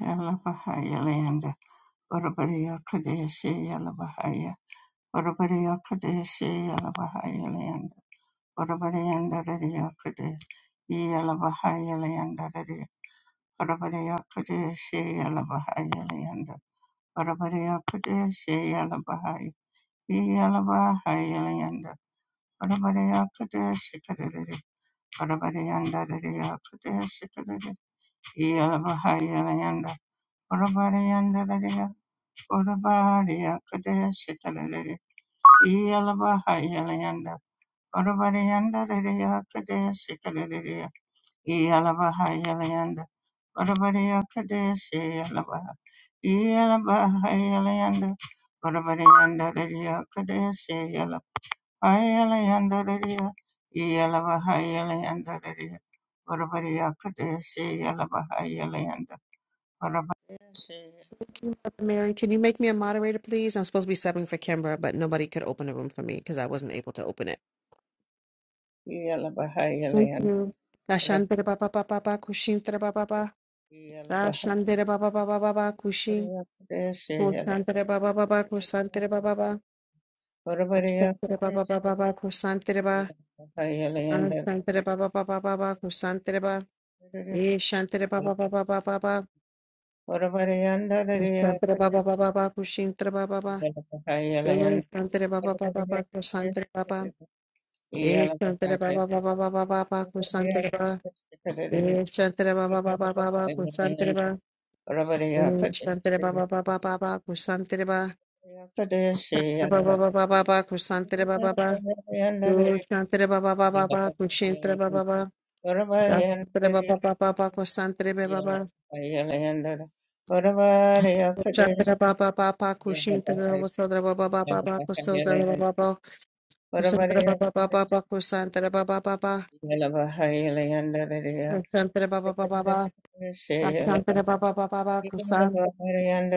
Yala Bahaya Land, Whatabadiya Kadeshi Yala Bahaya, Whatabadiya Kadeshi Yala Bahaya Land, Whatabadiyanda Dadiya Kadesh, Yala Bahaya Land Dadiya, Whatabadiya Kadeshi Yala Bahaya Land, Whatabadiya Kadeshi Yala Bahaya, Yala Bahaya Land, Whatabadiya Kadeshi Kadeshi, Whatabadiyanda Dadiya Kadeshi Kadeshi, Yala Bahaya Land, Whatabadiyanda Urabariya Kadeshikaleri Yalabahayalayanda Urabariyanda Lidia Kadeshikaleri Yalabahayalayanda Urabariya Kadeshi Yalabaha yalabaha Yalabahayalayanda Urabariyanda Lidia Kadeshi Yalabahayalayanda Lidia Yalabahayalayanda Lidia Urabariya Kadeshi Yalabahayalayanda Urabariyanda Mary, can you make me a moderator, please? I'm supposed to be subbing for Kimbra, but nobody could open the room for me because I wasn't able to open it. Thank Yalabahayalayanda you. Dashan bida ba ba ba ba ba kushin bida ba ba ba. Yeah. Dashan bida ba ba ba ba ba ba kushin. Kushan bida ba ba ba ba kusan bida ba ba ba. Dashan bida ba ba ba ba ba kusan bida ba. Dashan bida ba ba ba ba ba ba kusan bida ba. Eh, shan bida ba ba ba ba ba ba ba. Dashan bida ba ba ba ba ba kushin bida ba ba ba. Eh, shan bida ba ba ba ba ba kusan bida ba ba. Eh, Shantara ba ba ba ba ba ba ba ba Kusantara ba. Eh, Shantara ba ba ba ba ba ba Kusantara ba. Eh, Shantara ba ba ba ba ba ba Kusantara ba. Ba ba ba ba ba ba Kusantara ba ba ba. Yo shantre ba ba ba ba ba Kushintara ba ba ba. Yeah. Shantara ba ba ba ba ba Kusantara ba ba ba. Shantara ba ba ba ba Kushintara ba Sodra ba ba ba ba ba Kusodra ba ba ba. Kusantara ba ba ba ba ba shantre ba ba ba ba. Shantara ba ba ba ba ba. Shantara ba ba ba ba ba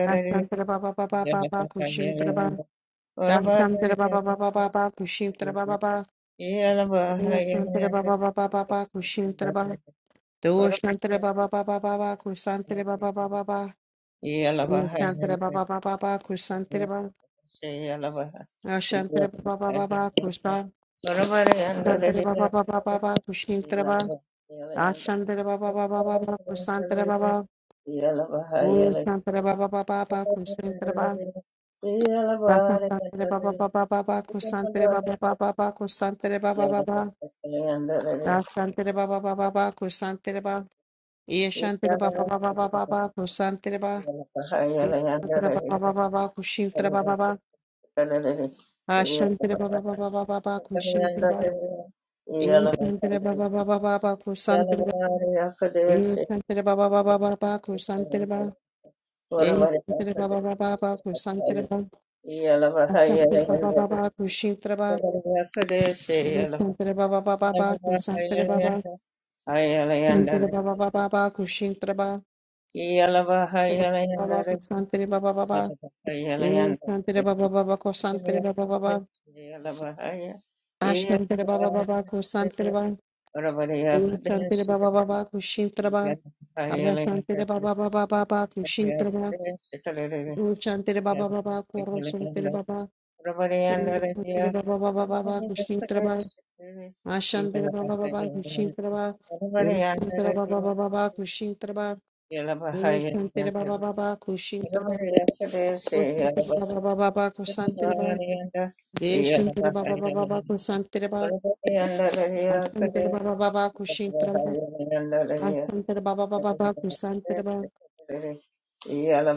Dashantra ba ba ba ba ba ba kushitra ba. Dashantra ba ba ba ba ba ba kushitra ba ba ba. Dashantra ba ba ba ba ba ba kushitra ba. Doshantra ba ba ba ba ba ba kusantra ba ba ba ba ba. Dashantra ba ba ba ba ba kusantra ba. Yeah. Dashantra ba ba ba ba ba kusa. Dashantra ba ba ba ba ba ba kushitra ba. Dashantra ba ba ba ba ba ba kusantra ba ba. Dashantra ba ba ba ba ba kusantra ba. Da santere ba ba ba ba ba ba kusantere ba ba ba ba ba kusantere ba ba ba ba da santere ba ba ba ba ba kusantere ba ye shantere ba ba ba ba ba ba ba kusantere ba santere ba ba ba ba ba kushintere ba ba ba a shantere ba ba ba ba ba ba ba kushintere ba ye shantere ba ba ba ba ba ba kusantere ba ye shantere ba ba ba ba ba ba kusantere ba ye shantere ba ba ba ba ba kusantere ba Yeah. a shantere ba ba ba ba kushintere ba ye shantere ba ba ba ba ba kusantere ba ba Shantere Baba Baba Baba Kushintra Baba Baba Kusantere Baba Baba Eh Shantere Baba Baba Kusantere Baba Baba Ashantere Baba Baba Kusantere Baba Eh Shantere Baba Baba Kushintra Baba Arrasantere Baba Baba Baba Kushintra Baba Eh Shantere Baba Baba Kurosantere Baba Eh Shantere Yalabahaya, Baba Baba Baba Kushintra Baba Ashantere Baba Baba Kushintra Baba Yalabahaya, Urusantere Baba Baba Baba Kushintra Baba Eh Shantere Baba Baba Kushintra Baba Kusantere ba ba ba ba ba kusantere ba. Deshintere ba ba ba ba ba kusantere ba. Asantere ba ba ba ba kushintere ba. Asantere ba ba ba ba ba kusantere ba.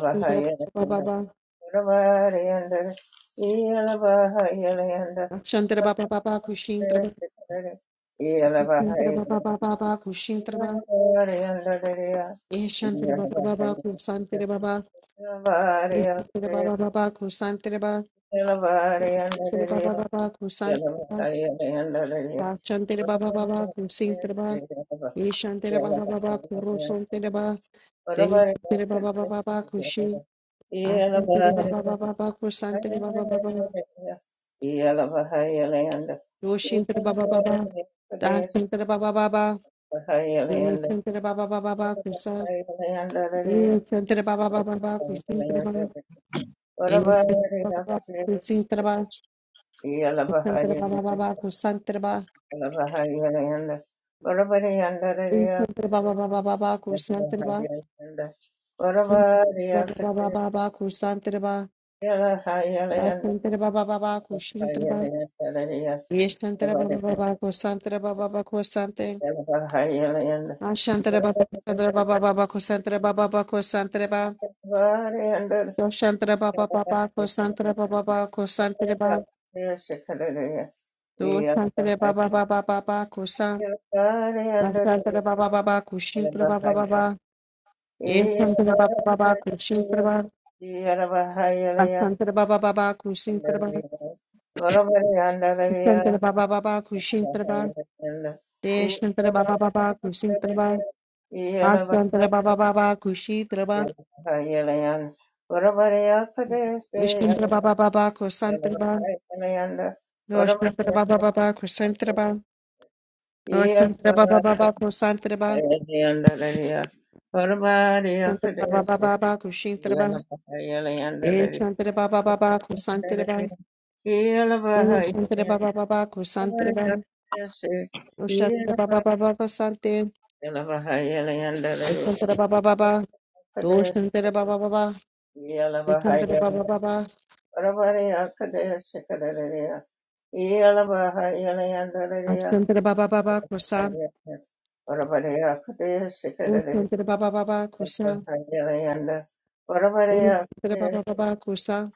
Kusantere ba ba ba ba. Ashantere Yalabahaya, ba ba ba ba kushintere ba. Yeah. Kusantere ba ba ba ba ba kushintere ba. Eshantere ba ba ba ba kusantere ba ba. Kusantere ba ba ba ba kusantere ba. Kusantere ba ba ba ba kusantere ba. Ashantere ba ba ba ba kusintere ba. Eshantere ba ba ba ba kurosontere ba. Deshintere ba ba ba ba ba kushi. Ashantere baba baba baba kusantere baba baba yoshintere baba baba dashantere baba baba yoshintere baba baba Yes, baba kusa yoshintere baba baba baba kusintere baba yoshintere baba baba kusintere baba yoshintere baba baba kusantere baba yoshintere baba baba baba kusantere baba baba baba baba kusantere baba dashantere baba baba kusintere baba yoshintere baba baba kusantere baba baba kusante Ashantara baba santara baba baba kosantara baba baba kosantara Baba, doshantara baba baba kosantara baba baba kosantara ba doshantara baba baba baba kosan Yeah. Parvati ashantara baba baba kushintara baba baba Eshantra baba baba kushintara Baba, ashantara baba baba kushintara Baba, ashantara baba baba kushintara Baba, Deshantra baba baba kushintara Baba, ashantara baba baba kushintara ba ishantara baba baba kosantara ba doshantara baba baba kosantara Baba, Shantraba Baba Baku Santraba, Shantraba Akadesi Baba Baku Shintraba, E Yeah. Shantraba Baba Baku Santraba, O Shantraba Baba Baku Santraba, O Shantraba Baba Baba Sante, O Shantraba Baba Baba, Do Shantraba Baba Baba, O Shantraba Baba Baba, Ashantraba Baba Baba Kusa, O Shantraba Baba Baba Kusa, O Shantraba Baba Baba Kusa,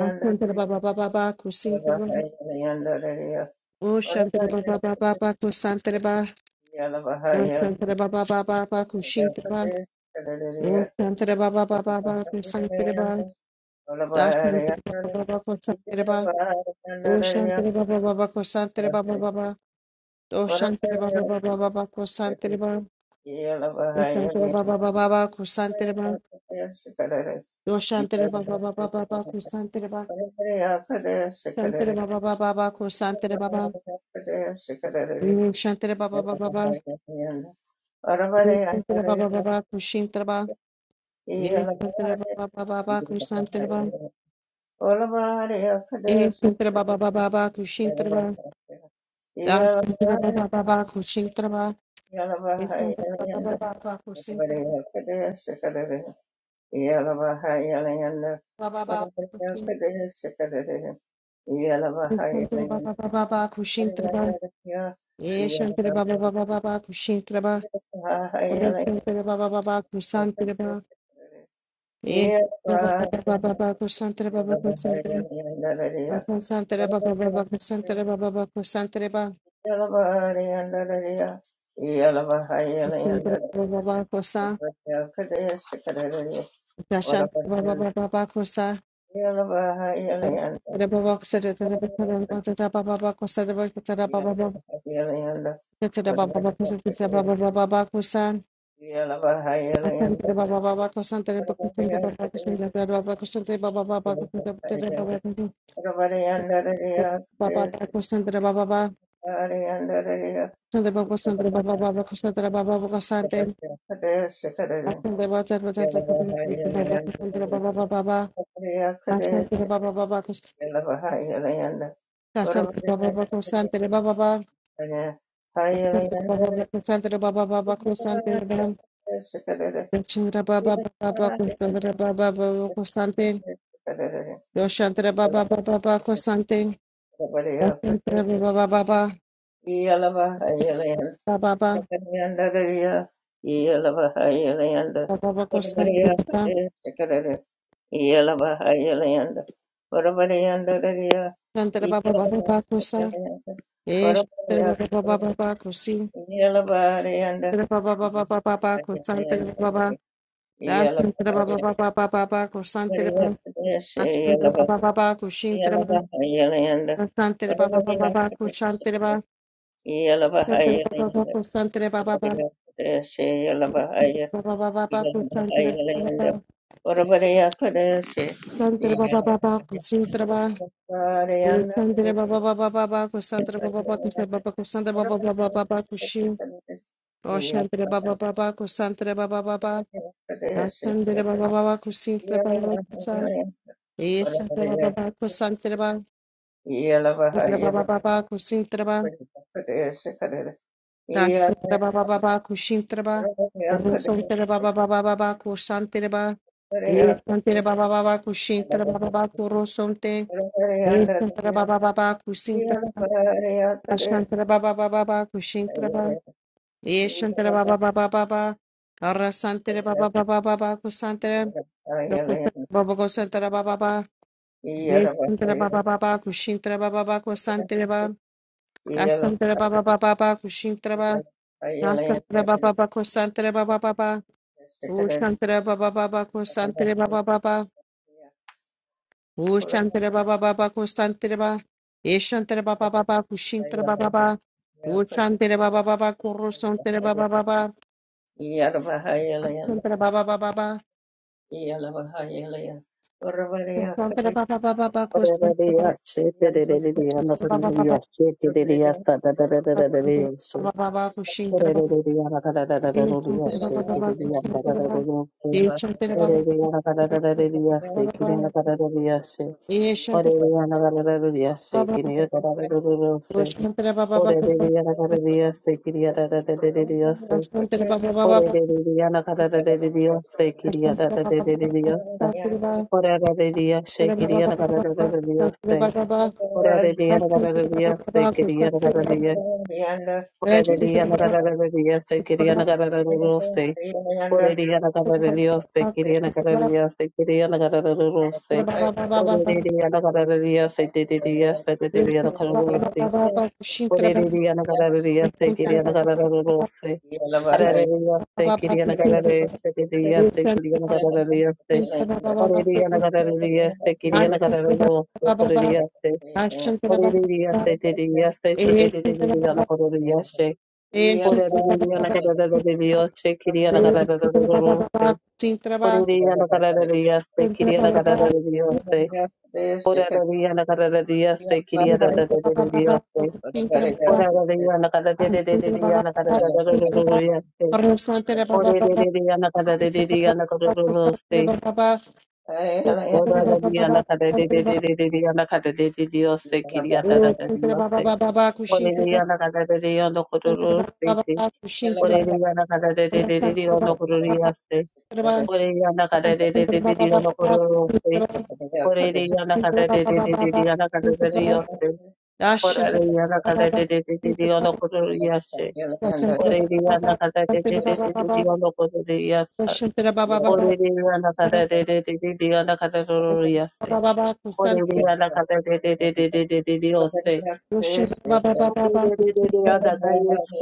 Ashantraba Baba Baba Kusintraba, O Yes, Shantraba Baba Baba Kusantraba, Shantra Baba Baba baba Bakushita Ba O Shantra Baba Baba Bakusantra Ba Dashantra Baba Baba Kosantra Ba O Shantra Baba Baba Kosantra Baba Baba O Shantra Baba Baba Baba Kosantra Ba O Shantra Baba Baba Baba Kosantra Ba O Shantra Baba Baba Baba Kosantra Ba Shantra Baba Baba Baba Kosantra Baba O Shantra Baba Baba Baba O Shantra Baba Baba Kushintra Ba O Shantra Baba Baba Baba Kosantra Ba Yeah. Eşantara baba baba baba kushintara ba. Dashantara baba baba kushintara ba. Eşantara baba baba baba kushintara ba. Baba baba kushintara baba baba baba kushintara ba. Eşantara baba baba baba kushintara ba. Eşantara baba baba kusantara ba. Eşantara baba baba baba kusantara baba kusantara ba. Kusantara baba baba kusantara baba baba kusantara ba. Kusantara baba baba kusa. Dashantara baba baba kusa. Baba Baba Baba Baba Baba Baba Baba Baba Baba Baba Yalaba Yala bahai yala yanda. Ora bara yanda bara yanda. Hai yala yanda bara. Baba Ora Baba bara Baba yanda sekadar. Chandra Ora Baba Baba bara yanda Chandra sekadar. Baba Baba Kosante Chandra Baba Baba Baba Kosante Ora bara yanda. pate. Chandra Baba Baba Yala bahai yala yanda. Baba Ora Baba yanda bara yanda. Yala bahai yala yanda. Baba Ora bara Kosante yanda sekadar. Yala bahai yala yanda. Ora yanda bara yanda. Chandra Baba Baba Baba Kosa Yala Esh bahai yala Chandra Baba yanda. Baba Baba Yellow, body and the Chandra Baba Baba yellow Baba Baba Kosante Baba Chandra Baba Baba Baba Baba Kosante Baba Chandra Yellow Baba Baba Koshintra Chandra Baba Baba Baba Koshantra Baba Chandra Baba Baba Kosante Baba Baba Baba Baba Baba Santara Baba Baba Kusantara Baba Santara Baba Baba Baba Kusantara Baba Baba Kusantara Baba Kusantara Baba Baba Baba Kushi Oshantara Baba Baba Kusantara Baba Baba Santara Baba Baba Kusintara Yeah. Baba Kusa Eshantara Baba Baba Kusantara Baba Santara Baba Baba Kusintara Baba Santara Baba Baba Kushintara Baba Urusantara Baba Baba Baba Kusantara Baba E Santara Baba Baba Kushintara Baba Baba Kurusante Santara Baba Baba Kusintara Ashantara Baba Baba Baba Kushintara Baba Yeshantara Baba Baba Baba Arasantara Baba Baba Baba Kusantara Baba Kusantara Baba Baba Yeshantara Baba Baba Kushintara Baba Baba Kusantara Baba Ashantara Baba Baba Baba Kushintara Baba Ashantara Baba Baba Kusantara Baba Baba Ushantara Baba Baba Kusantara Baba Baba Ushantara Baba Baba Kusantara Baba Yeshantara Baba Baba Kushintara Baba Baba Ushantara Baba Baba Kurusantara Baba Baba Santara Baba Baba Baba Santara Baba Baba Baba Ora de Santara dia, shake it, yada, Baba Baba Baba Santara Baba Baba Kushintara Baba Santara Baba Baba Santara Baba Santara Baba Baba Santara Baba Yeah. Baba Santara Baba Baba Santara Baba Baba Santara Baba Baba Santara Baba Baba Santara Baba Baba Santara Baba Baba Santara Baba Baba Santara Baba Baba Santara yada, yada, yada, yada, Ora de dia na gara rediya se kiriya na gara dia Ora rediya na gara rediya se kiriya na gara rediya se. Ora rediya na gara rediya se kiriya na gara rediya se kiriya na gara rediya se. Baba Baba Ora Baba de dia na gara rediya se rediya se Baba, rediya na gara rediya se. Ora rediya na gara rediya se kiriya na gara rediya se. Ora rediya se kiriya na gara rediya se rediya se kiriya na gara rediya se. Ora de dia na gara rediya se kiriya na gara rediya se. Ora rediya se. Ora la di ana kada de de Baba, Roshan Baba Baba Baba, Roshan de de de de ana kada de de Dios se kiri ana da da dios Baba se Baba Yeah. Oreliya na kada de de yondo kururu siti. Mary, Oreliya na kada de de de de yondo kururu yase. Oreliya na kada de de de de yondo kururu siti. Oreliya na kada de de de de yondo kururu yase. Oreliya na kada de de de de yondo kururu yase. Oreliya na kada de de de de yondo kururu yase. Oreliya na kada de de de de yondo kururu yase. Oreliya na kada de de de de de yondo kururu yase.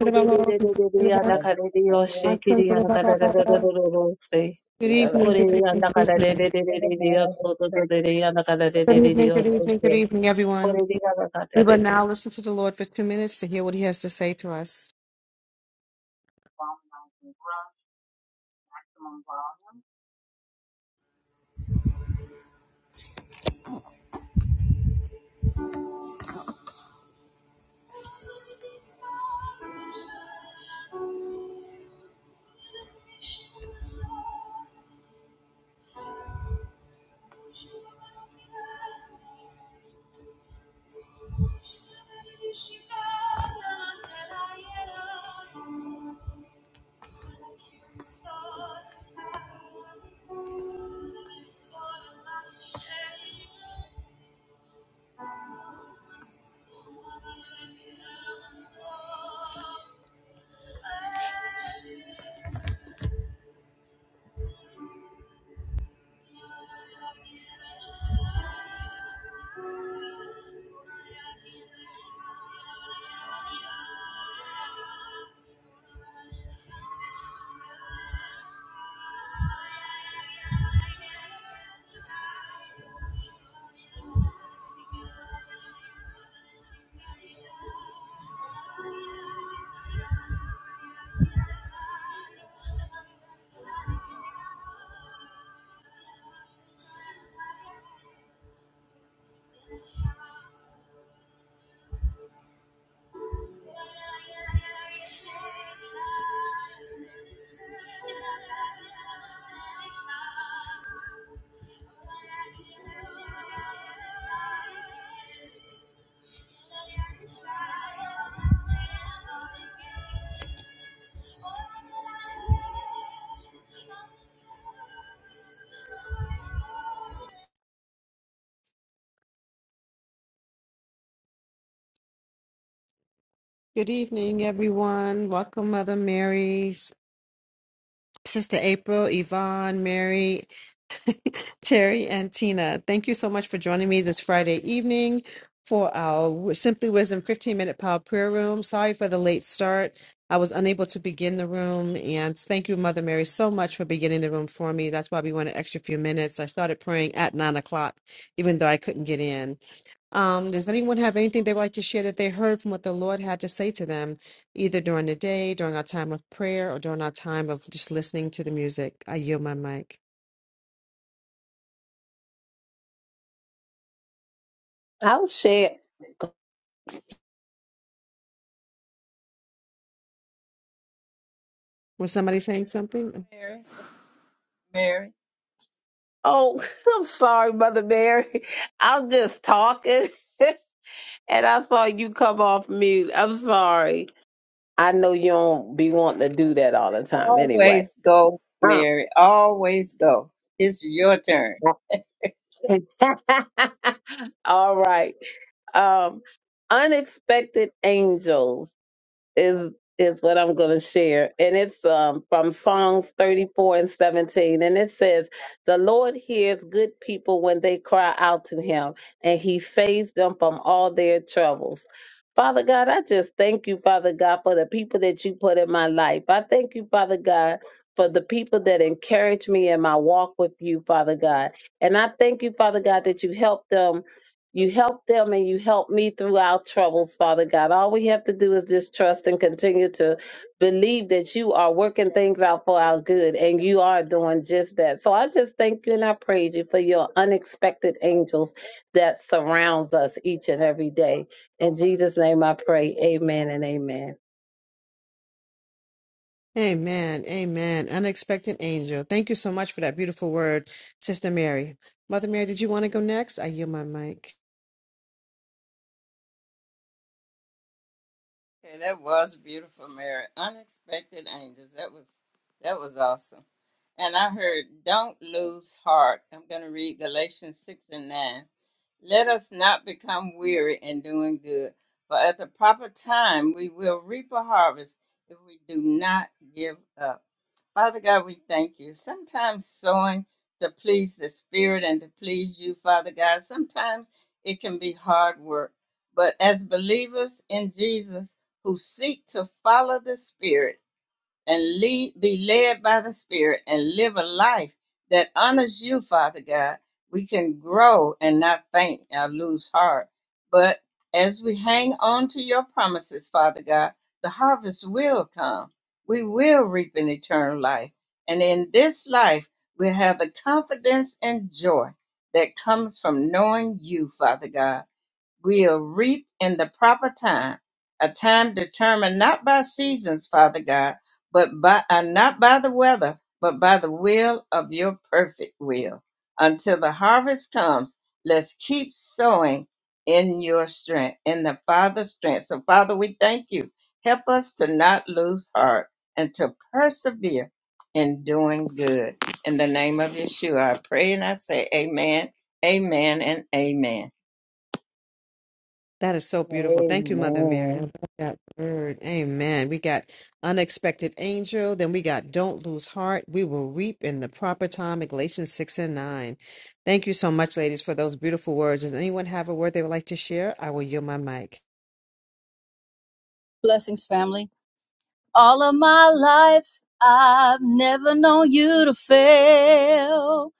Ho de de de de de de yanda ka de de yoshe Baba, Roshan kiri yanda Baba ka de Baba de de de Baba, de de yoshe. Good Ho evening, de good evening, yanda good ka de de de evening. de de de de yosho de de de de yanda ka de de Good de de de evening, good yoshe evening, good ke. evening, Ho everyone. de de yanda ka We de de will de. now listen to the Lord for two minutes to hear what he has to say to us. Thank you. Good evening, everyone. Welcome, Mother Mary, Sister April, Yvonne, Mary, Terry and Tina, thank you so much for joining me this Friday evening for our Simply Wisdom 15 minute power prayer room. Sorry for the late start. I was unable to begin the room. And thank you, Mother Mary, so much for beginning the room for me. That's why we went an extra few minutes. I started praying at nine o'clock, even though I couldn't get in. Um, does anyone have anything they would like to share that they heard from what the Lord had to say to them, either during the day, during our time of prayer, or during our time of just listening to the music? I yield my mic. I'll share. Was somebody saying something? Mary, Oh, I'm sorry, Mother Mary. I'm just talking. and I saw you come off mute. I'm sorry. I know you don't be wanting to do that all the time anyway. always go, Huh? Mary, always go. It's your turn. All right. Um, unexpected angels is is what I'm going to share, and it's um, from Psalms 34 and 17, and it says, "The Lord hears good people when they cry out to Him, and He saves them from all their troubles." Father God, I just thank you, Father God, for the people that you put in my life. I thank you, Father God. For the people that encourage me in my walk with you, Father God. And I thank you, Father God, that you help them you help them and you help me through our troubles, Father God. All we have to do is just trust and continue to believe that you are working things out for our good, and you are doing just that. So I just thank you and I praise you for your unexpected angels that surrounds us each and every day. In Jesus' name I pray. Amen and amen. Amen. Amen. Unexpected angel. Thank you so much for that beautiful word, Sister Mary. Mother Mary, did you want to go next? I yield my mic. Okay, that was beautiful, Mary. Unexpected angels. That was that was awesome. And I heard, don't lose heart. I'm going to read Galatians six and nine. Let us not become weary in doing good, for at the proper time we will reap a harvest if we do not give up. Father God, we thank you. Sometimes sowing to please the Spirit and to please you, Father God, sometimes it can be hard work. But as believers in Jesus who seek to follow the Spirit, and lead, be led by the Spirit and live a life that honors you, Father God. We can grow and not faint or lose heart. But as we hang on to your promises, Father God, the harvest will come. We will reap an eternal life. And in this life, we have the confidence and joy that comes from knowing you, Father God. We'll reap in the proper time, a time determined not by seasons, Father God, but by uh, not by the weather, but by the will of your perfect will. Until the harvest comes, let's keep sowing in your strength, in the Father's strength. So, Father, we thank you. Help us to not lose heart and to persevere in doing good. In the name of Yeshua, I pray and I say, Amen, Amen, and Amen. That is so beautiful. Thank you, Mother Mary. I love Amen. that word. Amen. We got unexpected angel. Then we got don't lose heart. We will reap in the proper time. in Galatians 6 and 9. Thank you so much, ladies, for those beautiful words. Does anyone have a word they would like to share? I will yield my mic. Blessings, family. All of my life, I've never known you to fail.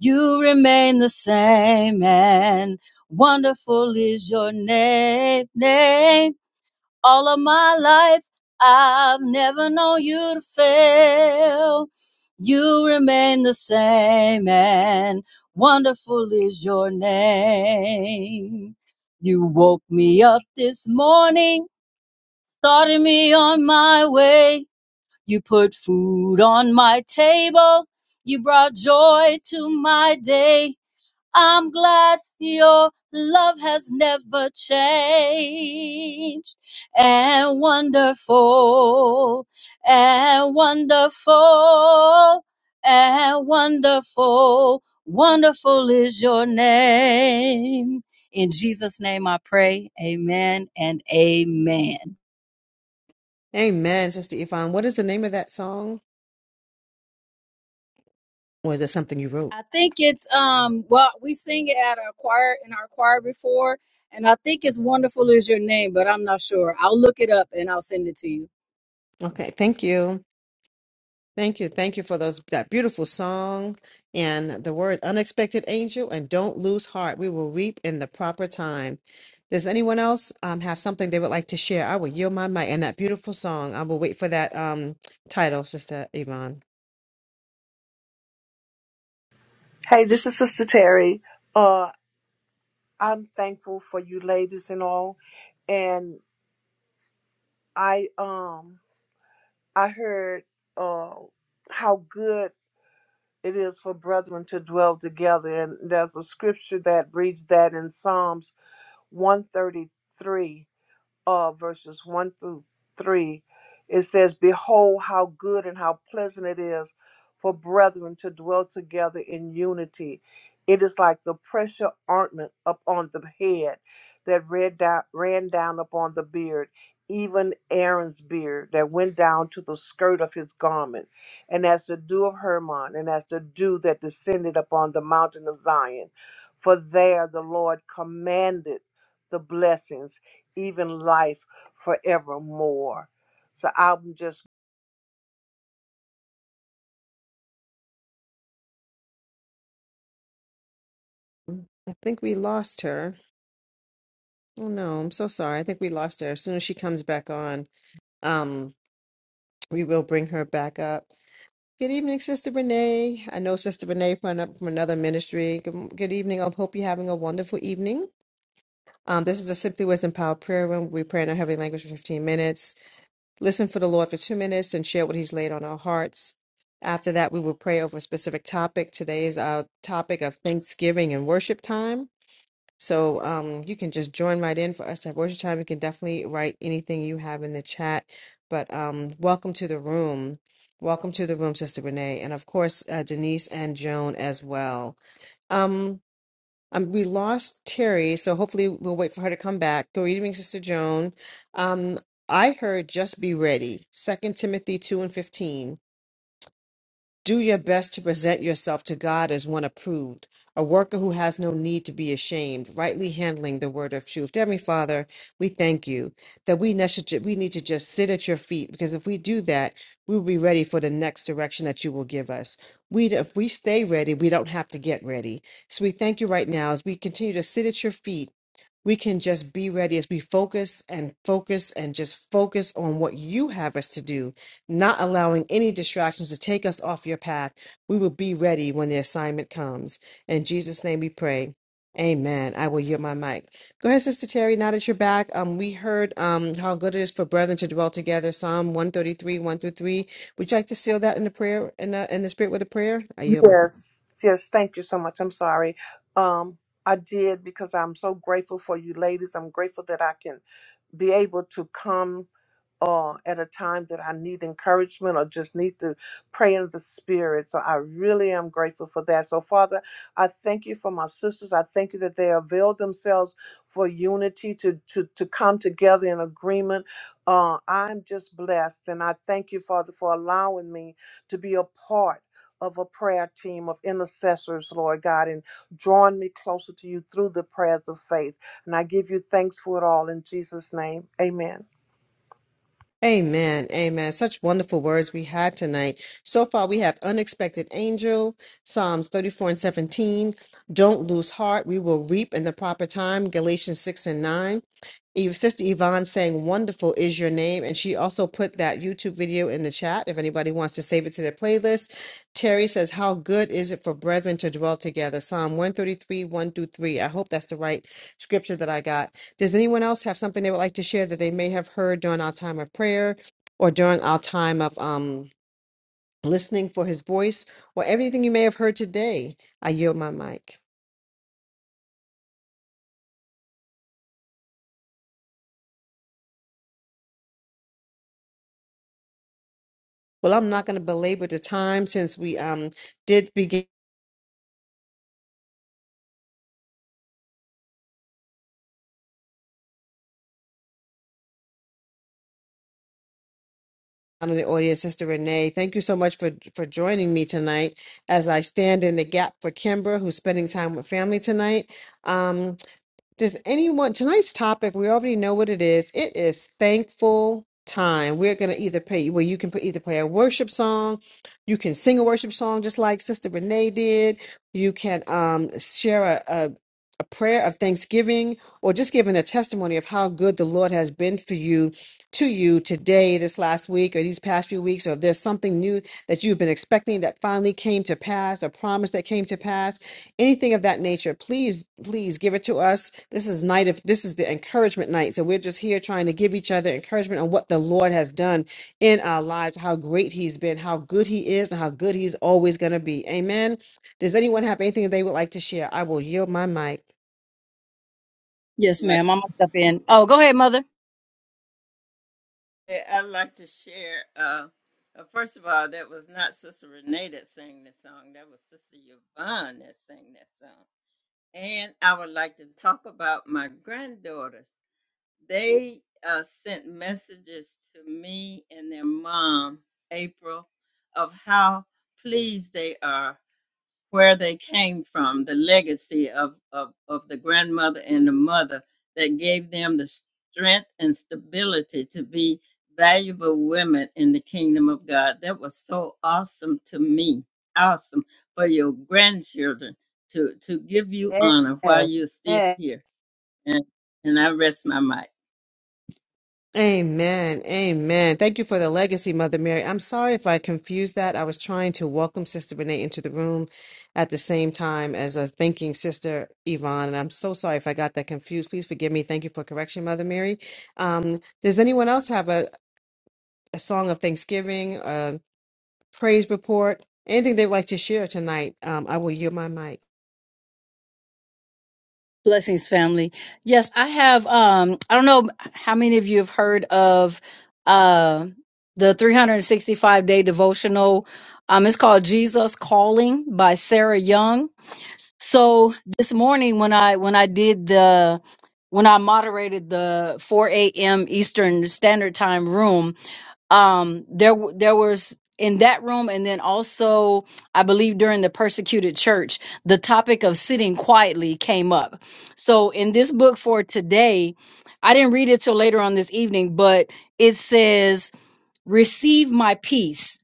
You remain the same, and wonderful is your name. name. All of my life, I've never known you to fail. You remain the same, and wonderful is your name. You woke me up this morning started me on my way. You put food on my table. You brought joy to my day. I'm glad your love has never changed. And wonderful, and wonderful, and wonderful, wonderful is your name. In Jesus' name I pray. Amen and amen. Amen, Sister Yvonne. What is the name of that song? Or is it something you wrote? I think it's um well we sing it at our choir in our choir before and I think it's wonderful is your name, but I'm not sure. I'll look it up and I'll send it to you. Okay, thank you. Thank you. Thank you for those that beautiful song and the word unexpected angel and don't lose heart. We will reap in the proper time. Does anyone else um, have something they would like to share? I will yield my mic and that beautiful song. I will wait for that um, title, Sister Yvonne. Hey, this is Sister Terry. Uh, I'm thankful for you ladies and all. And I um I heard uh how good it is for brethren to dwell together. And there's a scripture that reads that in Psalms 133 uh, verses 1 through 3, it says, Behold, how good and how pleasant it is for brethren to dwell together in unity. It is like the precious ointment upon the head that ran down, ran down upon the beard, even Aaron's beard that went down to the skirt of his garment, and as the dew of Hermon, and as the dew that descended upon the mountain of Zion. For there the Lord commanded the blessings even life forevermore. So I'm just Mm, I think we lost her. Oh no, I'm so sorry. I think we lost her. As soon as she comes back on, um, we will bring her back up. Good evening, Sister Renee. I know Sister Renee from, an- from another ministry. Good, good evening. I hope you're having a wonderful evening. Um, this is a Simply Wisdom Power Prayer Room. We pray in our heavenly language for 15 minutes, listen for the Lord for two minutes, and share what He's laid on our hearts. After that, we will pray over a specific topic. Today is our topic of Thanksgiving and worship time. So um, you can just join right in for us to have worship time. You can definitely write anything you have in the chat. But um, welcome to the room. Welcome to the room, Sister Renee, and of course, uh, Denise and Joan as well. Um, um, we lost Terry, so hopefully we'll wait for her to come back. Good evening, Sister Joan. Um, I heard just be ready, Second Timothy 2 and 15. Do your best to present yourself to God as one approved, a worker who has no need to be ashamed, rightly handling the word of truth. Heavenly Father, we thank you that we ne- should- we need to just sit at your feet because if we do that, we will be ready for the next direction that you will give us. We if we stay ready, we don't have to get ready. So we thank you right now as we continue to sit at your feet. We can just be ready as we focus and focus and just focus on what you have us to do not allowing any distractions to take us off your path. We will be ready when the assignment comes. In Jesus' name we pray. Amen. I will yield my mic. Go ahead, Sister Terry. Now that you're back, um, we heard um how good it is for brethren to dwell together. Psalm one thirty three, one through three. Would you like to seal that in the prayer in the in the spirit with a prayer? I yield my mic. yes, yes. Thank you so much. I'm sorry. Um, I did because I'm so grateful for you, ladies. I'm grateful that I can be able to come uh, at a time that I need encouragement or just need to pray in the spirit. So I really am grateful for that. So, Father, I thank you for my sisters. I thank you that they avail themselves for unity to, to, to come together in agreement. Uh, I'm just blessed. And I thank you, Father, for allowing me to be a part. Of a prayer team of intercessors, Lord God, and drawing me closer to you through the prayers of faith. And I give you thanks for it all in Jesus' name. Amen. Amen. Amen. Such wonderful words we had tonight. So far, we have Unexpected Angel, Psalms 34 and 17. Don't lose heart. We will reap in the proper time, Galatians 6 and 9. Eve, Sister Yvonne saying, Wonderful is your name. And she also put that YouTube video in the chat if anybody wants to save it to their playlist. Terry says, How good is it for brethren to dwell together? Psalm 133, 1 through 3. I hope that's the right scripture that I got. Does anyone else have something they would like to share that they may have heard during our time of prayer or during our time of um, listening for his voice or everything you may have heard today? I yield my mic. Well, I'm not going to belabor the time since we um, did begin. down in the audience, Sister Renee. Thank you so much for for joining me tonight as I stand in the gap for Kimber, who's spending time with family tonight. Um, does anyone, tonight's topic, we already know what it is. It is thankful time. We're going to either pay, well, you can put, either play a worship song, you can sing a worship song just like Sister Renee did, you can um, share a, a, a prayer of thanksgiving, or just giving a testimony of how good the Lord has been for you, to you today, this last week, or these past few weeks, or if there's something new that you've been expecting that finally came to pass, a promise that came to pass anything of that nature, please, please give it to us. This is night of this is the encouragement night. So we're just here trying to give each other encouragement on what the Lord has done in our lives, how great He's been, how good He is, and how good He's always going to be. Amen. Does anyone have anything they would like to share? I will yield my mic. Yes, ma'am. I'm gonna step in. Oh, go ahead, mother. Yeah, I'd like to share. Uh, uh, first of all, that was not Sister Renee that sang that song. That was Sister Yvonne that sang that song. And I would like to talk about my granddaughters. They uh, sent messages to me and their mom, April, of how pleased they are where they came from, the legacy of, of, of the grandmother and the mother that gave them the strength and stability to be valuable women in the kingdom of God. That was so awesome to me. Awesome for your grandchildren to, to give you honor while you're still Yes. here. And, and I rest my mic. Amen. Amen. Thank you for the legacy, Mother Mary. I'm sorry if I confused that. I was trying to welcome Sister Renee into the room at the same time as a thanking Sister Yvonne. And I'm so sorry if I got that confused. Please forgive me. Thank you for correction, Mother Mary. Um, does anyone else have a, a song of thanksgiving, a praise report, anything they'd like to share tonight? Um, I will yield my mic. Blessings family. Yes, I have um I don't know how many of you have heard of uh the 365 day devotional. Um it's called Jesus Calling by Sarah Young. So this morning when I when I did the when I moderated the 4 a.m. Eastern Standard Time room, um, there w- there was in that room, and then also I believe during the persecuted church, the topic of sitting quietly came up. So in this book for today, I didn't read it till later on this evening, but it says, "Receive my peace."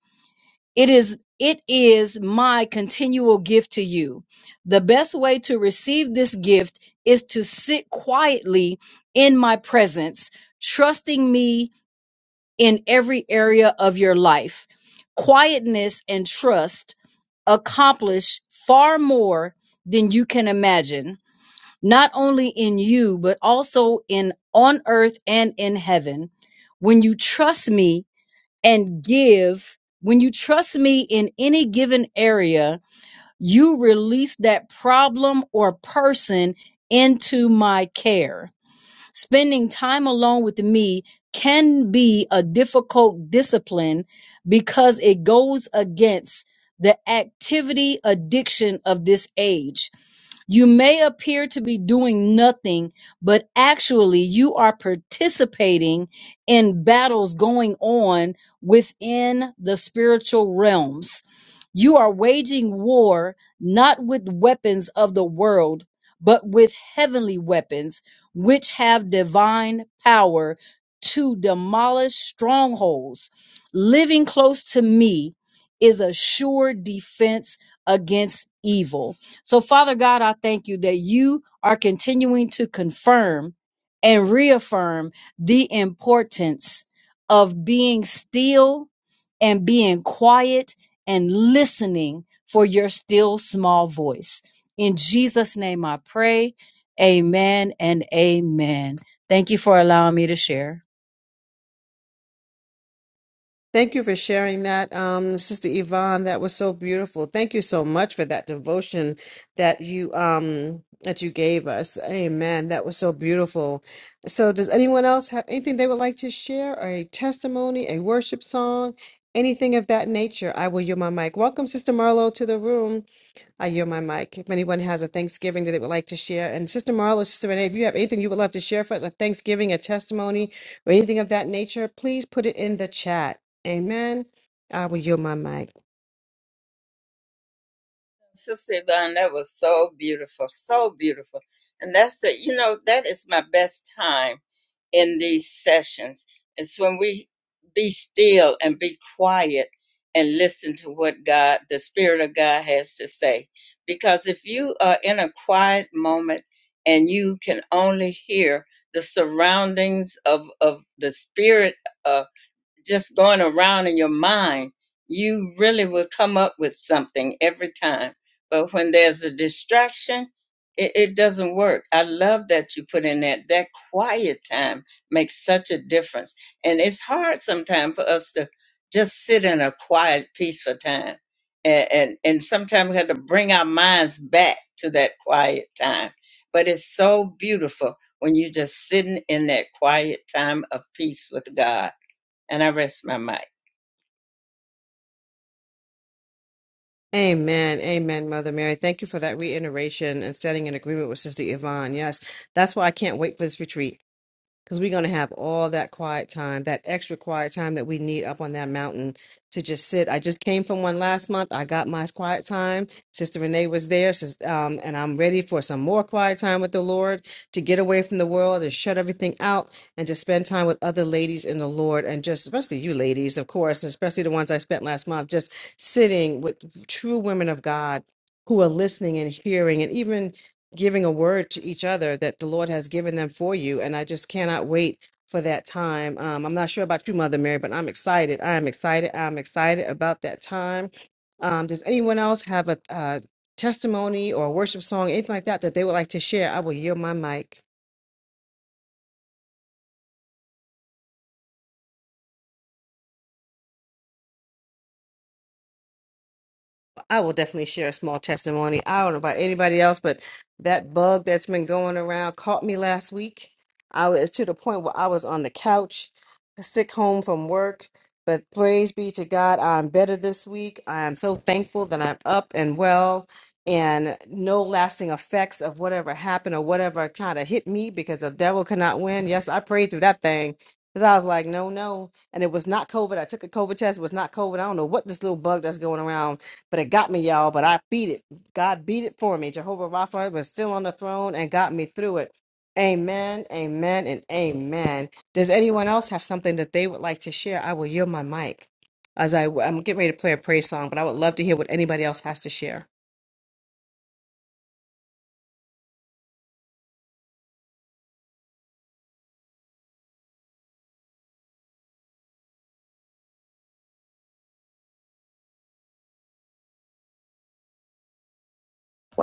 It is it is my continual gift to you. The best way to receive this gift is to sit quietly in my presence, trusting me in every area of your life. Quietness and trust accomplish far more than you can imagine, not only in you but also in on earth and in heaven. When you trust me, and give. When you trust me in any given area, you release that problem or person into my care. Spending time alone with me can be a difficult discipline because it goes against the activity addiction of this age you may appear to be doing nothing, but actually you are participating in battles going on within the spiritual realms. You are waging war not with weapons of the world, but with heavenly weapons, which have divine power to demolish strongholds. Living close to me is a sure defense against evil. So, Father God, I thank you that you are continuing to confirm and reaffirm the importance of being still and being quiet and listening for your still small voice. In Jesus' name I pray. Amen and amen. Thank you for allowing me to share. Thank you for sharing that, um, Sister Yvonne. That was so beautiful. Thank you so much for that devotion that you um, that you gave us. Amen. That was so beautiful. So, does anyone else have anything they would like to share, or a testimony, a worship song, anything of that nature? I will yield my mic. Welcome, Sister Marlowe, to the room. I yield my mic. If anyone has a Thanksgiving that they would like to share, and Sister Marla, Sister Renee, if you have anything you would love to share for us, a Thanksgiving, a testimony, or anything of that nature, please put it in the chat. Amen. I will yield my mic. Sister Yvonne, that was so beautiful, so beautiful. And that's the, you know, that is my best time in these sessions. It's when we be still and be quiet and listen to what God, the Spirit of God has to say. Because if you are in a quiet moment and you can only hear the surroundings of, of the Spirit uh, just going around in your mind, you really will come up with something every time. But when there's a distraction, it, it doesn't work. I love that you put in that. That quiet time makes such a difference. And it's hard sometimes for us to just sit in a quiet, peaceful time. And, and, and sometimes we have to bring our minds back to that quiet time. But it's so beautiful when you're just sitting in that quiet time of peace with God and I rest my mic. Amen. Amen, Mother Mary. Thank you for that reiteration and standing in agreement with Sister Yvonne. Yes, that's why I can't wait for this retreat. because we're going to have all that quiet time, that extra quiet time that we need up on that mountain to just sit. I just came from one last month. I got my quiet time. Sister Renee was there, sis- um, and I'm ready for some more quiet time with the Lord to get away from the world and shut everything out and just spend time with other ladies in the Lord and just, especially you ladies, of course, and especially the ones I spent last month, just sitting with true women of God. Who are listening and hearing, and even giving a word to each other that the Lord has given them for you. And I just cannot wait for that time. Um, I'm not sure about you, Mother Mary, but I'm excited. I am excited. I'm excited about that time. Um, does anyone else have a, uh testimony or a worship song, anything like that, that they would like to share? I will yield my mic. I will definitely share a small testimony. I don't know about anybody else, but that bug that's been going around caught me last week. I was to the point where I was on the couch, sick home from work. But praise be to God, I'm better this week. I am so thankful that I'm up and well and no lasting effects of whatever happened or whatever kind of hit me because the devil cannot win. Yes, I prayed through that thing because I was like, no, no. And it was not COVID. I took a COVID test. It was not COVID. I don't know what this little bug that's going around but it got me, y'all. But I beat it. God beat it for me. Jehovah Rapha was still on the throne and got me through it. Amen, amen, and amen. Does anyone else have something that they would like to share? I will yield my mic as I, I'm getting ready to play a praise song, but I would love to hear what anybody else has to share.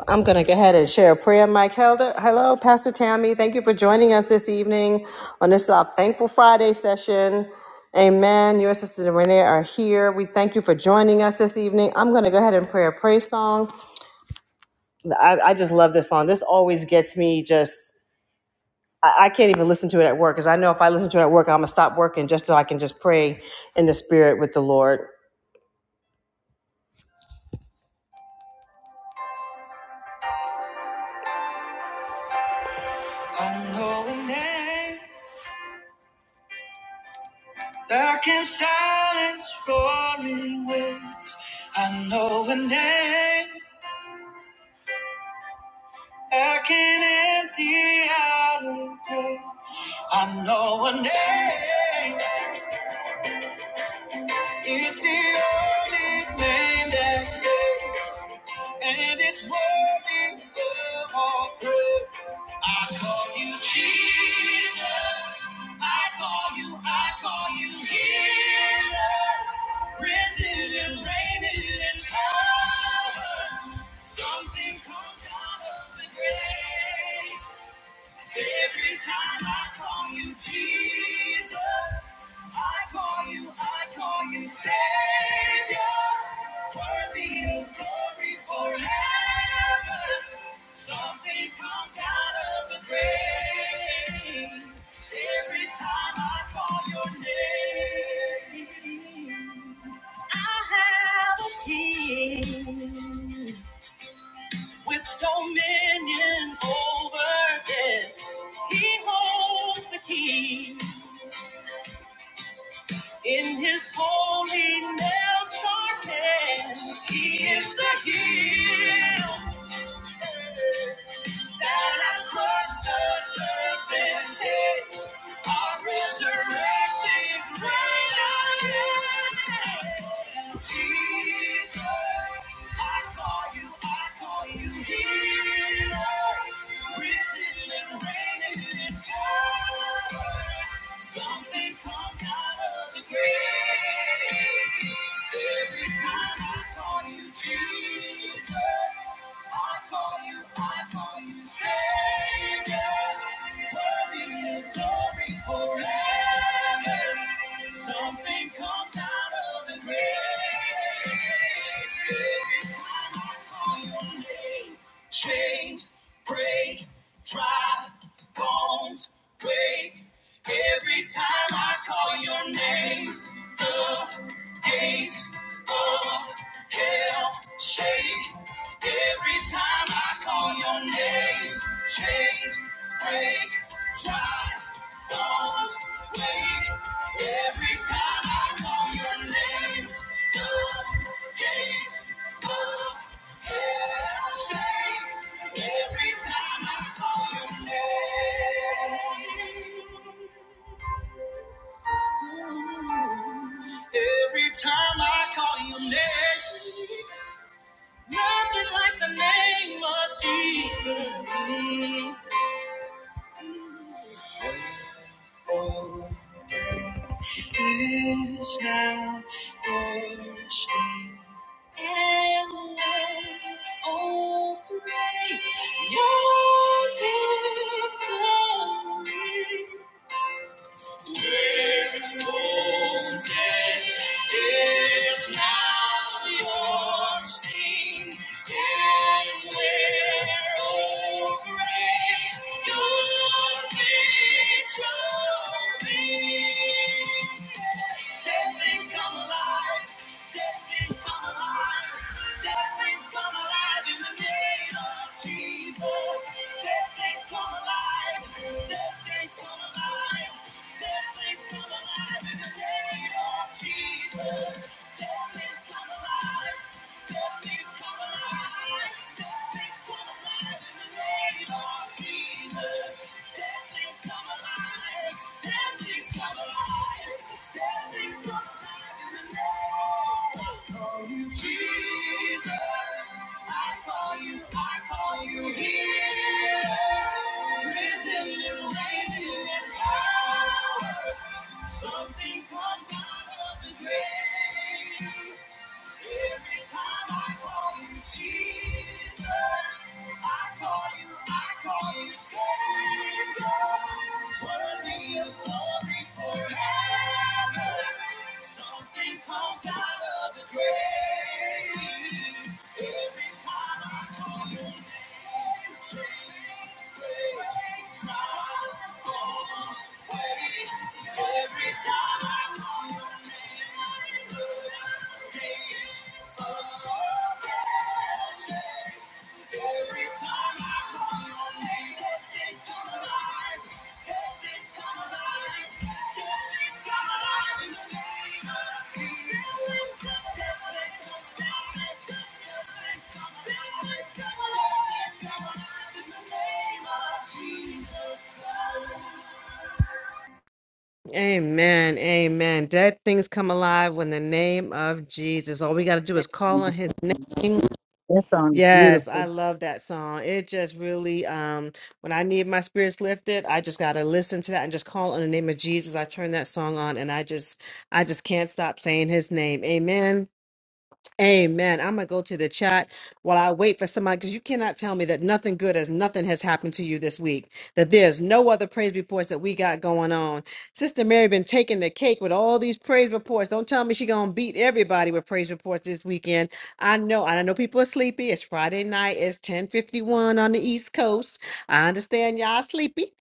I'm going to go ahead and share a prayer, Mike Helder. Hello, Pastor Tammy. Thank you for joining us this evening on this uh, Thankful Friday session. Amen. Your sister and Renee are here. We thank you for joining us this evening. I'm going to go ahead and pray a praise song. I, I just love this song. This always gets me just, I, I can't even listen to it at work because I know if I listen to it at work, I'm going to stop working just so I can just pray in the spirit with the Lord. I know a name Dark and silence, roaring waves. I know a name I can empty out a grave. I know a name is the only name that saves. and it's worthy of all praise. I call you Jesus. I call you, I call you healer. Risen and reigning in power. Something comes out of the grave. Every time I call you Jesus, I call you, I call you Savior, worthy of glory forever. Something comes out of the grave every time I call your name. I have a king with dominion over death. He holds the key in his holy nail scarred hands. He is the heel. That has crushed the serpent's head. Our resurrected great I am. Jesus, I call you, I call you healer. Risen and reigning in power. Something comes out of the grave. Every time I call you Jesus. Something comes out of the grave. Every time I call your name, chains break, dry bones wake. Every time I call your name, the gates of hell shake. Every time I call your name, chains break, dry bones wake. Every time I call your name, the gates of hell shake. Every time I call your name. Every time I call your name, nothing like the name of Jesus. Well, Oh, is now your strength. And love. oh, great your victory. Jesus, dead things come alive, dead things come alive. Jesus, I call you, I call you here. Risen and reigning in power. Something comes out of the grave. Every time I call you Jesus, I call you, I call you Savior. Worthy of glory forever. Something comes out of the grave. Every time I call your name, change, break, trial, bones, wait. Every time I call your name, days of ashes. Every time I call your name, dead come alive. Dead come alive. Dead come alive in the name of Jesus. Amen. Amen. Dead things come alive when the name of Jesus. All we got to do is call Amen. on his name. That song is Yes, I beautiful. love that song. It just really um when I need my spirits lifted, I just got to listen to that and just call on the name of Jesus. I turn that song on and I just I just can't stop saying his name. Amen. Amen. I'm gonna go to the chat while I wait for somebody because you cannot tell me that nothing good as nothing has happened to you this week. That there's no other praise reports that we got going on. Sister Mary been taking the cake with all these praise reports. Don't tell me she gonna beat everybody with praise reports this weekend. I know. and I know people are sleepy. It's Friday night. It's 10:51 on the East Coast. I understand y'all sleepy.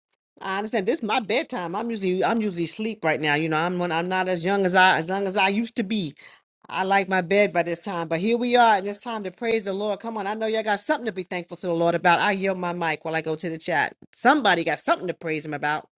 I understand this is my bedtime. I'm usually I'm usually asleep right now. You know, I'm when I'm not as young as I as young as I used to be. I like my bed by this time, but here we are, and it's time to praise the Lord. Come on, I know y'all got something to be thankful to the Lord about. I yield my mic while I go to the chat. Somebody got something to praise Him about.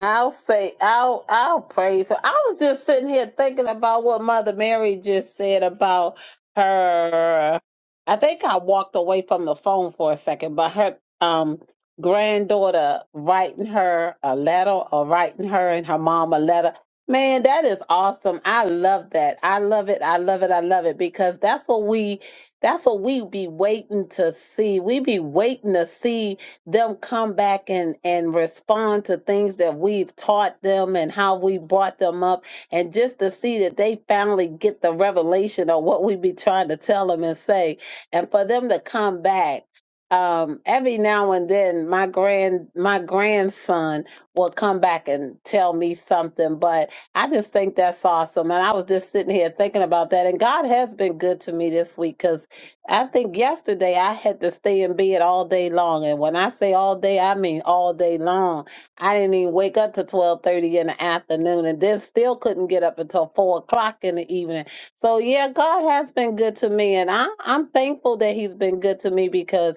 I'll say, I'll, I'll praise her. I was just sitting here thinking about what Mother Mary just said about her. I think I walked away from the phone for a second, but her um granddaughter writing her a letter or writing her and her mom a letter. Man, that is awesome. I love that. I love it. I love it. I love it because that's what we, that's what we be waiting to see. We be waiting to see them come back and and respond to things that we've taught them and how we brought them up and just to see that they finally get the revelation of what we be trying to tell them and say and for them to come back um every now and then my grand my grandson will come back and tell me something but i just think that's awesome and i was just sitting here thinking about that and god has been good to me this week because. I think yesterday I had to stay in bed all day long, and when I say all day, I mean all day long. I didn't even wake up till twelve thirty in the afternoon, and then still couldn't get up until four o'clock in the evening. So yeah, God has been good to me, and I, I'm thankful that He's been good to me because.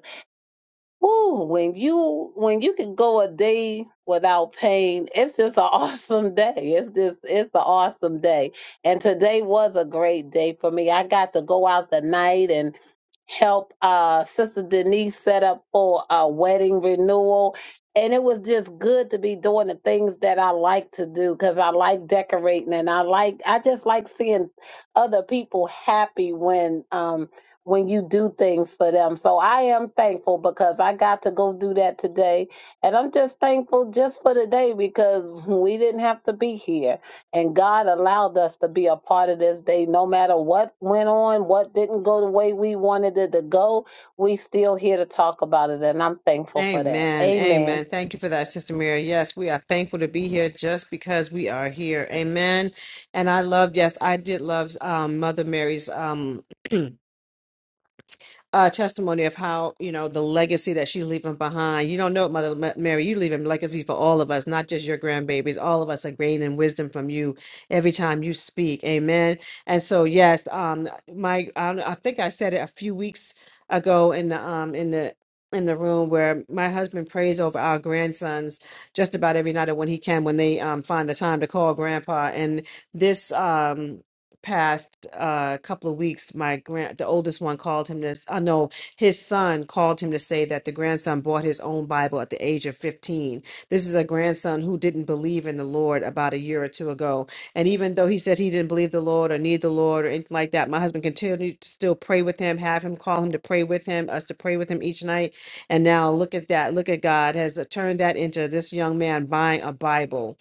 Ooh, when you when you can go a day without pain, it's just an awesome day. It's just it's an awesome day. And today was a great day for me. I got to go out the night and help uh sister Denise set up for a wedding renewal. And it was just good to be doing the things that I like to do because I like decorating and I like I just like seeing other people happy when um when you do things for them. So I am thankful because I got to go do that today. And I'm just thankful just for the day because we didn't have to be here. And God allowed us to be a part of this day. No matter what went on, what didn't go the way we wanted it to go, we still here to talk about it. And I'm thankful for that. Amen. Amen. Amen. Thank you for that, Sister Mary. Yes, we are thankful to be here just because we are here. Amen. And I loved, yes, I did love um, Mother Mary's. Um, uh, testimony of how you know the legacy that she's leaving behind. You don't know it, Mother Ma- Mary. You leaving legacy for all of us, not just your grandbabies. All of us are gaining wisdom from you every time you speak. Amen. And so, yes, um, my I, don't- I think I said it a few weeks ago in the um in the in the room where my husband prays over our grandsons just about every night or when he can when they um, find the time to call grandpa and this um past uh couple of weeks my grand the oldest one called him this i know his son called him to say that the grandson bought his own bible at the age of 15 this is a grandson who didn't believe in the lord about a year or two ago and even though he said he didn't believe the lord or need the lord or anything like that my husband continued to still pray with him have him call him to pray with him us to pray with him each night and now look at that look at god has uh, turned that into this young man buying a bible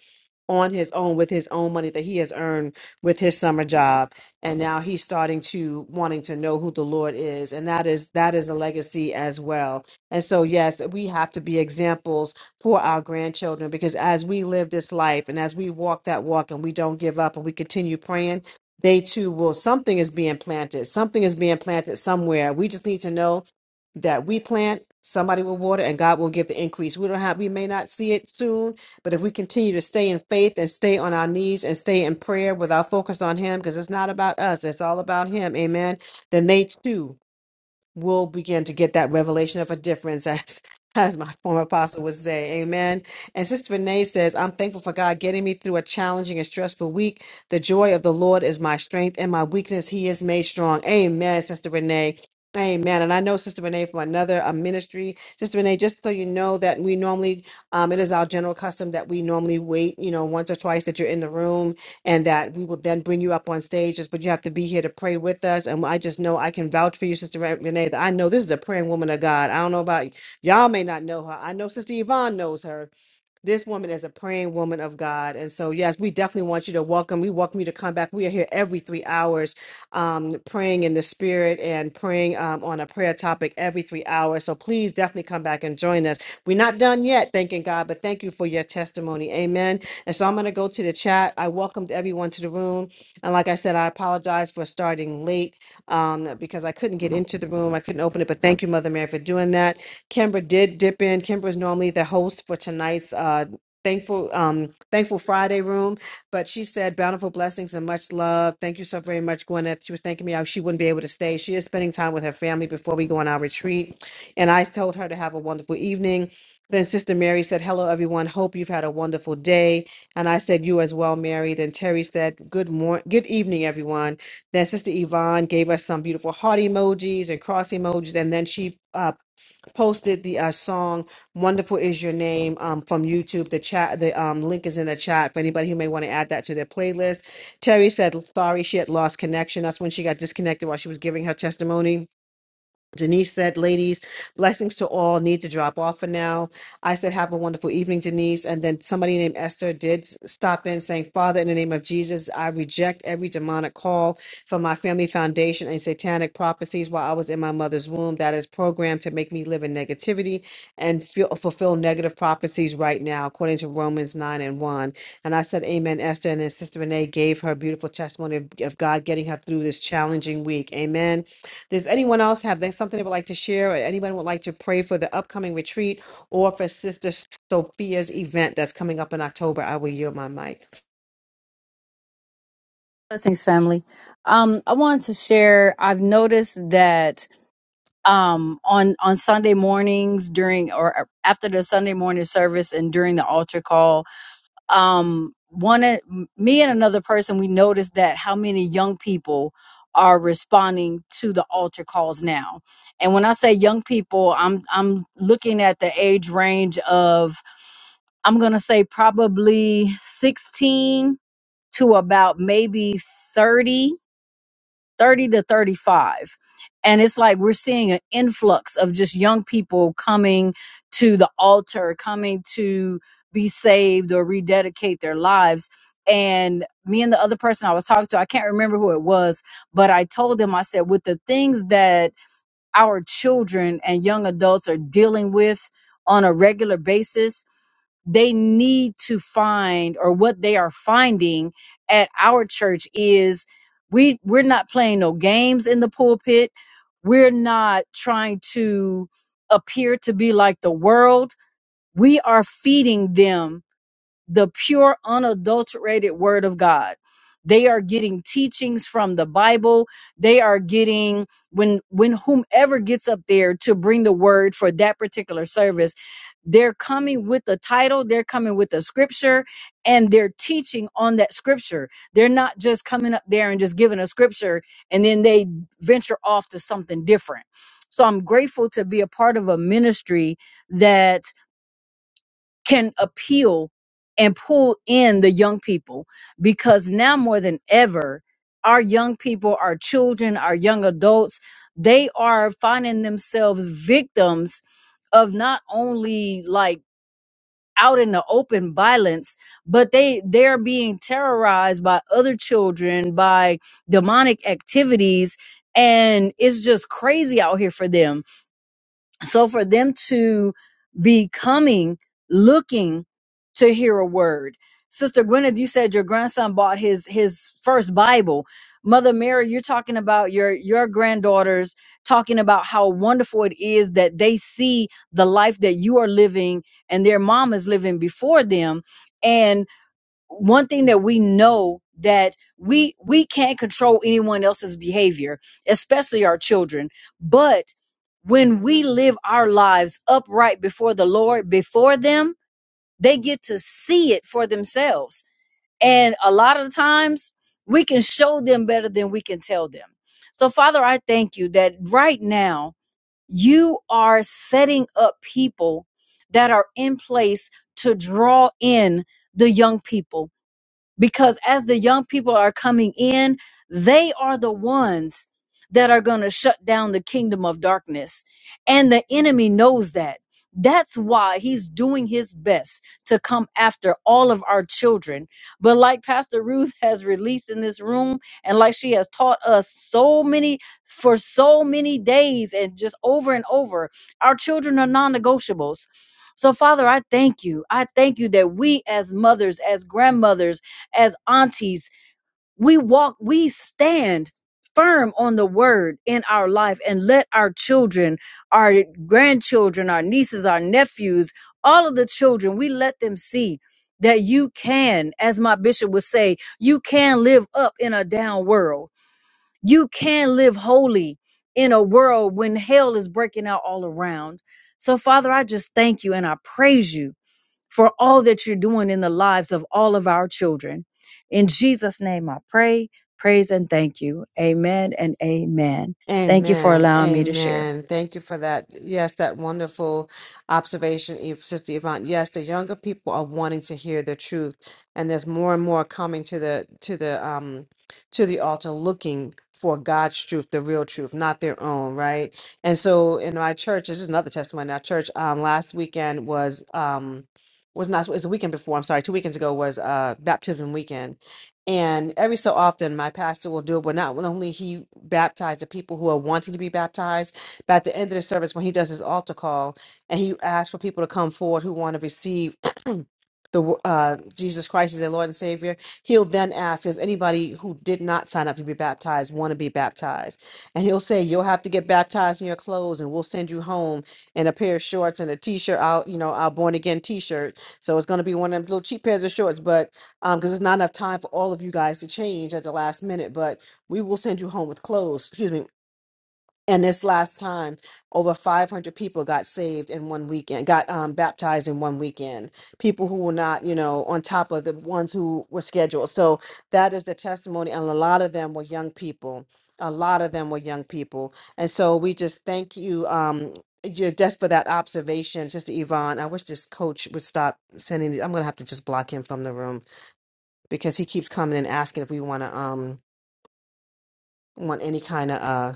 on his own with his own money that he has earned with his summer job and now he's starting to wanting to know who the lord is and that is that is a legacy as well and so yes we have to be examples for our grandchildren because as we live this life and as we walk that walk and we don't give up and we continue praying they too will something is being planted something is being planted somewhere we just need to know that we plant somebody will water and god will give the increase we don't have we may not see it soon but if we continue to stay in faith and stay on our knees and stay in prayer with our focus on Him, because it's not about us, it's all about Him, amen, then they too will begin to get that revelation of a difference as as my former apostle would say amen and sister renee says i'm thankful for god getting me through a challenging and stressful week the joy of the lord is my strength and my weakness he is made strong amen sister renee Amen. And I know Sister Renee from another uh, ministry. Sister Renee, just so you know that we normally, um, it is our general custom that we normally wait, you know, once or twice that you're in the room and that we will then bring you up on stage. Just, but you have to be here to pray with us. And I just know I can vouch for you, Sister Re- Renee, that I know this is a praying woman of God. I don't know about y'all may not know her. I know Sister Yvonne knows her this woman is a praying woman of God. And so, yes, we definitely want you to welcome. We welcome you to come back. We are here every three hours, um, praying in the spirit and praying um, on a prayer topic every three hours. So please definitely come back and join us. We're not done yet, thanking God, but thank you for your testimony. Amen. And so I'm going to go to the chat. I welcomed everyone to the room. And like I said, I apologize for starting late um, because I couldn't get into the room. I couldn't open it, but thank you, Mother Mary, for doing that. Kimbra did dip in. Kimbra is normally the host for tonight's uh, thankful um, thankful Friday room, but she said bountiful blessings and much love. Thank you so very much, Gwyneth. She was thanking me out. She wouldn't be able to stay. She is spending time with her family before we go on our retreat, and I told her to have a wonderful evening. Then Sister Mary said, "Hello, everyone. Hope you've had a wonderful day." And I said, "You as well, Mary." Then Terry said, "Good morning, good evening, everyone." Then Sister Yvonne gave us some beautiful heart emojis and cross emojis, and then she uh, posted the uh, song "Wonderful Is Your Name" um, from YouTube. The chat, the um, link is in the chat for anybody who may want to add that to their playlist. Terry said sorry she had lost connection. That's when she got disconnected while she was giving her testimony Denise said, ladies, blessings to all, need to drop off for now. I said, have a wonderful evening, Denise. And then somebody named Esther did s- stop in saying, Father, in the name of Jesus, I reject every demonic call from my family foundation and satanic prophecies while I was in my mother's womb that is programmed to make me live in negativity and feel, fulfill negative prophecies right now, according to Romans 9 and 1. And I said, Amen, Esther. And then Sister Renee gave her beautiful testimony of, of God getting her through this challenging week. Amen. Does anyone else have that something they would like to share, or anyone would like to pray for the upcoming retreat or for Sister Sophia's event that's coming up in October? I will yield my mic. Blessings, family. Um, I wanted to share, I've noticed that um on on Sunday mornings during or after the Sunday morning service and during the altar call um one of me and another person we noticed that how many young people are responding to the altar calls now and when i say young people i'm i'm looking at the age range of i'm going to say probably 16 to about maybe 30 30 to 35. And it's like we're seeing an influx of just young people coming to the altar, coming to be saved or rededicate their lives. And me and the other person I was talking to, I can't remember who it was, but I told them, I said, with the things that our children and young adults are dealing with on a regular basis, they need to find or what they are finding at our church is we we're not playing no games in the pulpit we're not trying to appear to be like the world we are feeding them the pure, unadulterated word of God. They are getting teachings from the Bible. They are getting when when whomever gets up there to bring the word for that particular service, they're coming with the title, they're coming with the scripture, and they're teaching on that scripture. They're not just coming up there and just giving a scripture and then they venture off to something different. So I'm grateful to be a part of a ministry that can appeal and pull in the young people because now more than ever our young people our children our young adults they are finding themselves victims of not only like out in the open violence but they they're being terrorized by other children by demonic activities and it's just crazy out here for them so for them to be coming, looking to hear a word. Sister Gwyneth, you said your grandson bought his his first Bible. Mother Mary, you're talking about your your granddaughters talking about how wonderful it is that they see the life that you are living and their mom is living before them. And one thing that we know that we we can't control anyone else's behavior especially our children but when we live our lives upright before the lord before them they get to see it for themselves and a lot of times we can show them better than we can tell them so father i thank you that right now you are setting up people that are in place to draw in the young people because as the young people are coming in, they are the ones that are going to shut down the kingdom of darkness. And the enemy knows that. That's why he's doing his best to come after all of our children. But like Pastor Ruth has released in this room, and like she has taught us so many for so many days and just over and over, our children are non negotiables. So, Father, I thank you. I thank you that we, as mothers, as grandmothers, as aunties, we walk, we stand firm on the word in our life and let our children, our grandchildren, our nieces, our nephews, all of the children, we let them see that you can, as my bishop would say, you can live up in a down world. You can live holy in a world when hell is breaking out all around. So, Father, I just thank you and I praise you for all that you're doing in the lives of all of our children. In Jesus' name, I pray, praise, and thank you. Amen and amen. Thank you for Amen. allowing me to share. Amen. Thank you for that. Yes, that wonderful observation, Eve, Sister Yvonne. Yes, the younger people are wanting to hear the truth, and there's more and more coming to the to the um to the altar looking for God's truth, the real truth, not their own, right? And so in my church, this is another testimony. Our church um last weekend was um was not it was the weekend before, I'm sorry, two weekends ago was uh baptism weekend and every so often, my pastor will do it, but not only he baptized the people who are wanting to be baptized, but at the end of the service, when he does his altar call and he asks for people to come forward who want to receive the uh, Jesus Christ is their Lord and Savior, he'll then ask, "Does anybody who did not sign up to be baptized want to be baptized?" And he'll say, "You'll have to get baptized in your clothes, and we'll send you home in a pair of shorts and a t-shirt out, you know, our born again t-shirt. So it's going to be one of them little cheap pairs of shorts, but um, because there's not enough time for all of you guys to change at the last minute, but we will send you home with clothes. Excuse me, and this last time over 500 people got saved in one weekend got um, baptized in one weekend people who were not you know on top of the ones who were scheduled so that is the testimony and a lot of them were young people a lot of them were young people and so we just thank you um ju- just for that observation, Sister Yvonne, I wish this coach would stop sending. I'm gonna have to just block him from the room because he keeps coming and asking if we want to um want any kind of uh,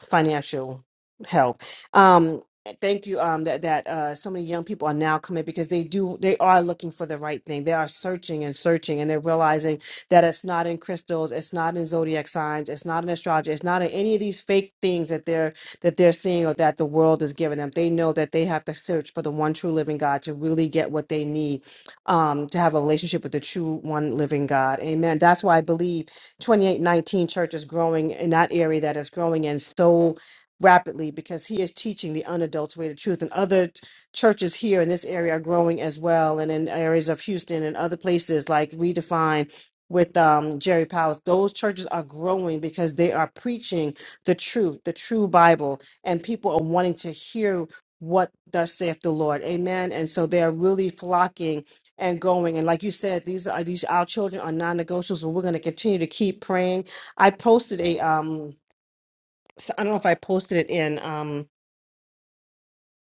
financial help. Um, eh, thank you. Um, that that uh, so many young people are now coming because they do they are looking for the right thing. They are searching and searching, and they're realizing that it's not in crystals, it's not in zodiac signs, it's not in astrology, it's not in any of these fake things that they're that they're seeing or that the world is giving them. They know that they have to search for the one true living God to really get what they need um, to have a relationship with the true one living God. Amen. That's why I believe. 2819 church is growing in that area that is growing in so rapidly because he is teaching the unadulterated truth and other ch- churches here in this area are growing as well and in areas of houston and other places like redefine with um, jerry powers those churches are growing because they are preaching the truth the true bible and people are wanting to hear what thus saith the lord amen and so they are really flocking and going. And like you said, these are these our children are non-negotiables, and we're going to continue to keep praying. I posted a um, s- I don't know if I posted it in um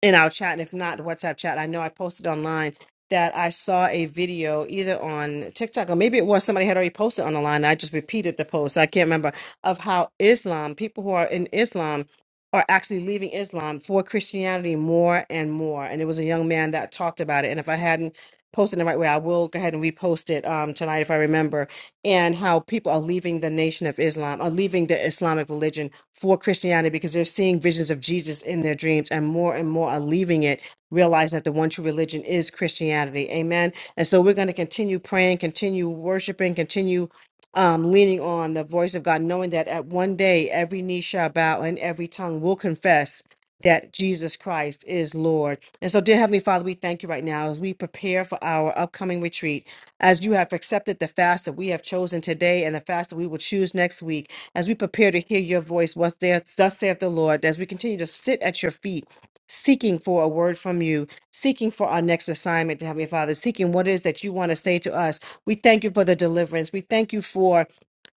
in our chat, and if not, the WhatsApp chat, I know I posted online that I saw a video either on TikTok or maybe it was somebody had already posted on the line. I just repeated the post. I can't remember of how Islam, people who are in Islam, are actually leaving Islam for Christianity more and more. And it was a young man that talked about it. And if I hadn't posted it the right way, I will go ahead and repost it um, tonight if I remember and how people are leaving the nation of Islam, are leaving the Islamic religion for Christianity because they're seeing visions of Jesus in their dreams, and more and more are leaving it, realizing that the one true religion is Christianity. Amen. And so we're going to continue praying, continue worshiping, continue um, leaning on the voice of God, knowing that at one day every knee shall bow and every tongue will confess. That Jesus Christ is Lord. And so, dear Heavenly Father, we thank you right now as we prepare for our upcoming retreat as you have accepted the fast that we have chosen today and the fast that we will choose next week, as we prepare to hear your voice, once there, thus saith the Lord, as we continue to sit at your feet, seeking for a word from you, seeking for our next assignment, Heavenly Father, seeking what it is that you want to say to us. We thank you for the deliverance. We thank you for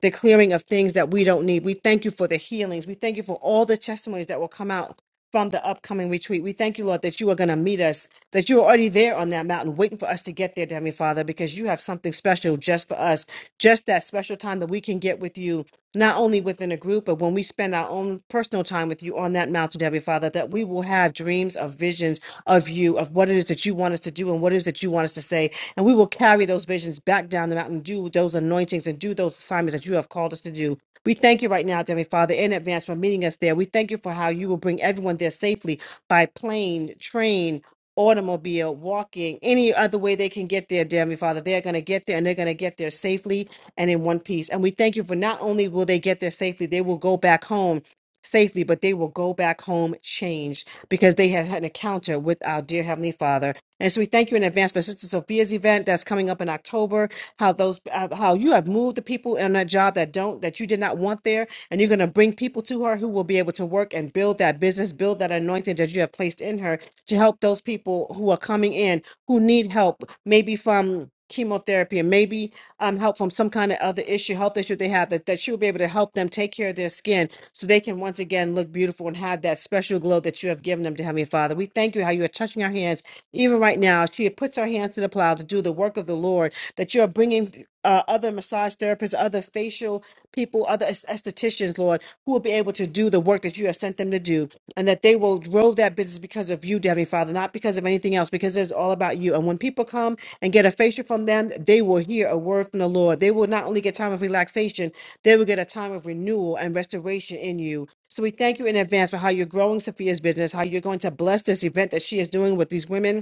the clearing of things that we don't need. We thank you for the healings. We thank you for all the testimonies that will come out from the upcoming retreat. We thank you, Lord, that you are going to meet us, that you're already there on that mountain waiting for us to get there, dear Heavenly Father, because you have something special just for us, just that special time that we can get with you, not only within a group, but when we spend our own personal time with you on that mountain, dear Heavenly Father, that we will have dreams of visions of you, of what it is that you want us to do and what it is that you want us to say. And we will carry those visions back down the mountain, do those anointings and do those assignments that you have called us to do. We thank you right now, Heavenly Father, in advance for meeting us there. We thank you for how you will bring everyone there safely by plane, train, automobile, walking, any other way they can get there, dear Heavenly Father. They're going to get there and they're going to get there safely and in one piece. And we thank you for not only will they get there safely, they will go back home safely, but they will go back home changed because they had had an encounter with our dear Heavenly Father. And so we thank you in advance for Sister Sophia's event that's coming up in October how those uh, how you have moved the people in that job that don't that you did not want there and you're going to bring people to her who will be able to work and build that business build that anointing that you have placed in her to help those people who are coming in who need help maybe from chemotherapy and maybe um, help from some kind of other issue health issue they have that, that she will be able to help them take care of their skin so they can once again look beautiful and have that special glow that you have given them to heavenly father we thank you how you are touching our hands even right now she puts her hands to the plow to do the work of the lord that you're bringing uh, other massage therapists, other facial people, other aes- estheticians, Lord, who will be able to do the work that you have sent them to do, and that they will grow that business because of you, Heavenly Father, not because of anything else, because it's all about you. And when people come and get a facial from them, they will hear a word from the Lord. They will not only get time of relaxation, they will get a time of renewal and restoration in you. So we thank you in advance for how you're growing Sophia's business, how you're going to bless this event that she is doing with these women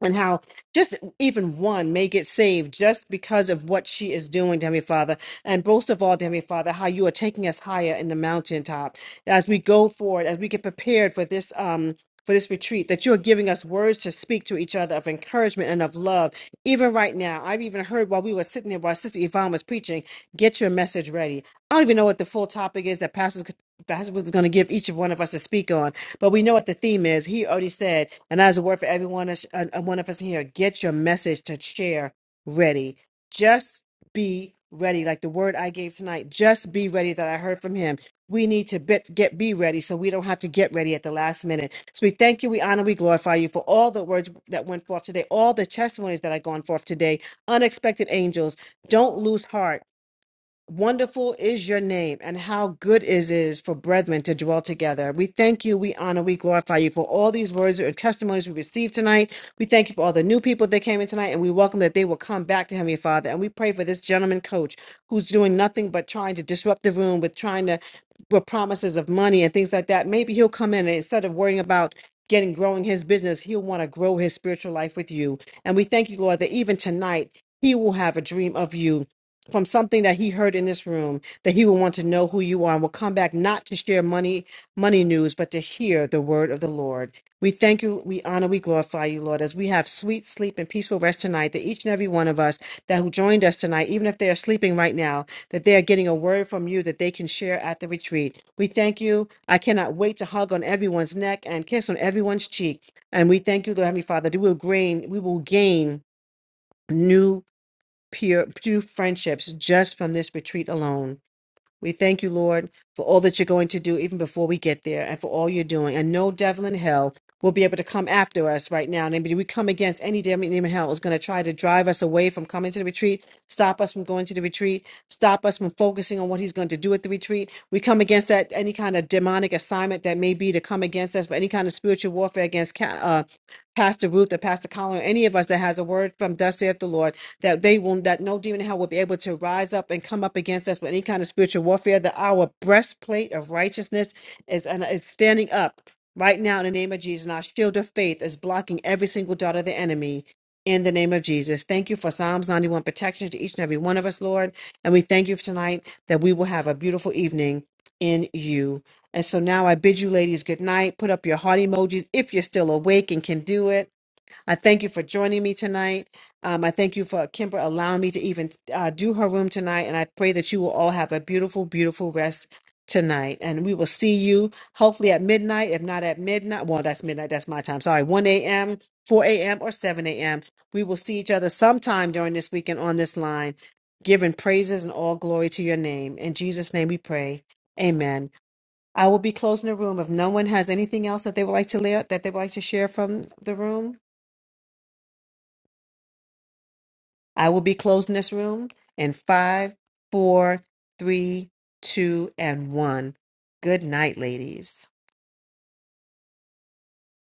and how just even one may get saved just because of what she is doing, dear Heavenly Father. And most of all, dear Heavenly Father, how you are taking us higher in the mountaintop as we go forward, as we get prepared for this um for this retreat, that you're giving us words to speak to each other of encouragement and of love. Even right now, I've even heard while we were sitting there while Sister Yvonne was preaching, get your message ready. I don't even know what the full topic is that Pastor Pastor was going to give each of one of us to speak on, but we know what the theme is. He already said, and as a word for everyone, us- uh, uh, one of us here, get your message to share ready. Just be ready. Like the word I gave tonight, just be ready that I heard from him. We need to be, get be ready so we don't have to get ready at the last minute. So we thank you, we honor, we glorify you for all the words that went forth today, all the testimonies that are gone forth today, unexpected angels. Don't lose heart Wonderful is your name, and how good it is for brethren to dwell together. We thank you, we honor, we glorify you for all these words and testimonies we received tonight. We thank you for all the new people that came in tonight, and we welcome that they will come back to Heavenly Father. And we pray for this gentleman coach who's doing nothing but trying to disrupt the room with trying to with promises of money and things like that. Maybe he'll come in and instead of worrying about getting growing his business, he'll want to grow his spiritual life with you. And we thank you, Lord, that even tonight he will have a dream of you from something that he heard in this room that he will want to know who you are and will come back not to share money money news but to hear the word of the lord we thank you we honor we glorify you lord as we have sweet sleep and peaceful rest tonight that each and every one of us that who joined us tonight even if they are sleeping right now that they are getting a word from you that they can share at the retreat we thank you i cannot wait to hug on everyone's neck and kiss on everyone's cheek and we thank you lord heavenly father that we will gain we will gain new pure, pure friendships just from this retreat alone. We thank you, Lord, for all that you're going to do even before we get there and for all you're doing. And no devil in hell will be able to come after us right now. And we come against any devil in hell is going to try to drive us away from coming to the retreat, stop us from going to the retreat, stop us from focusing on what he's going to do at the retreat. We come against that any kind of demonic assignment that may be to come against us for any kind of spiritual warfare against ca- uh, Pastor Ruth or Pastor Colin or any of us that has a word from thus saith the Lord that they will that no demon in hell will be able to rise up and come up against us with any kind of spiritual warfare. That our breastplate of righteousness is and is standing up right now in the name of Jesus. And our shield of faith is blocking every single dart of the enemy. In the name of Jesus, thank you for Psalms 91 protection to each and every one of us, Lord. And we thank you for tonight that we will have a beautiful evening in you. And so now I bid you ladies good night. Put up your heart emojis if you're still awake and can do it. I thank you for joining me tonight. Um, I thank you for Kimber allowing me to even uh, do her room tonight. And I pray that you will all have a beautiful, beautiful rest tonight. And we will see you hopefully at midnight. If not at midnight, well, that's midnight. That's my time. Sorry, 1 a.m., 4 a.m., or 7 a.m. We will see each other sometime during this weekend on this line, giving praises and all glory to your name. In Jesus' name we pray. Amen. I will be closing the room if no one has anything else that they would like to lay that they would like to share from the room. I will be closing this room in five, four, three, two, and one. Good night, ladies.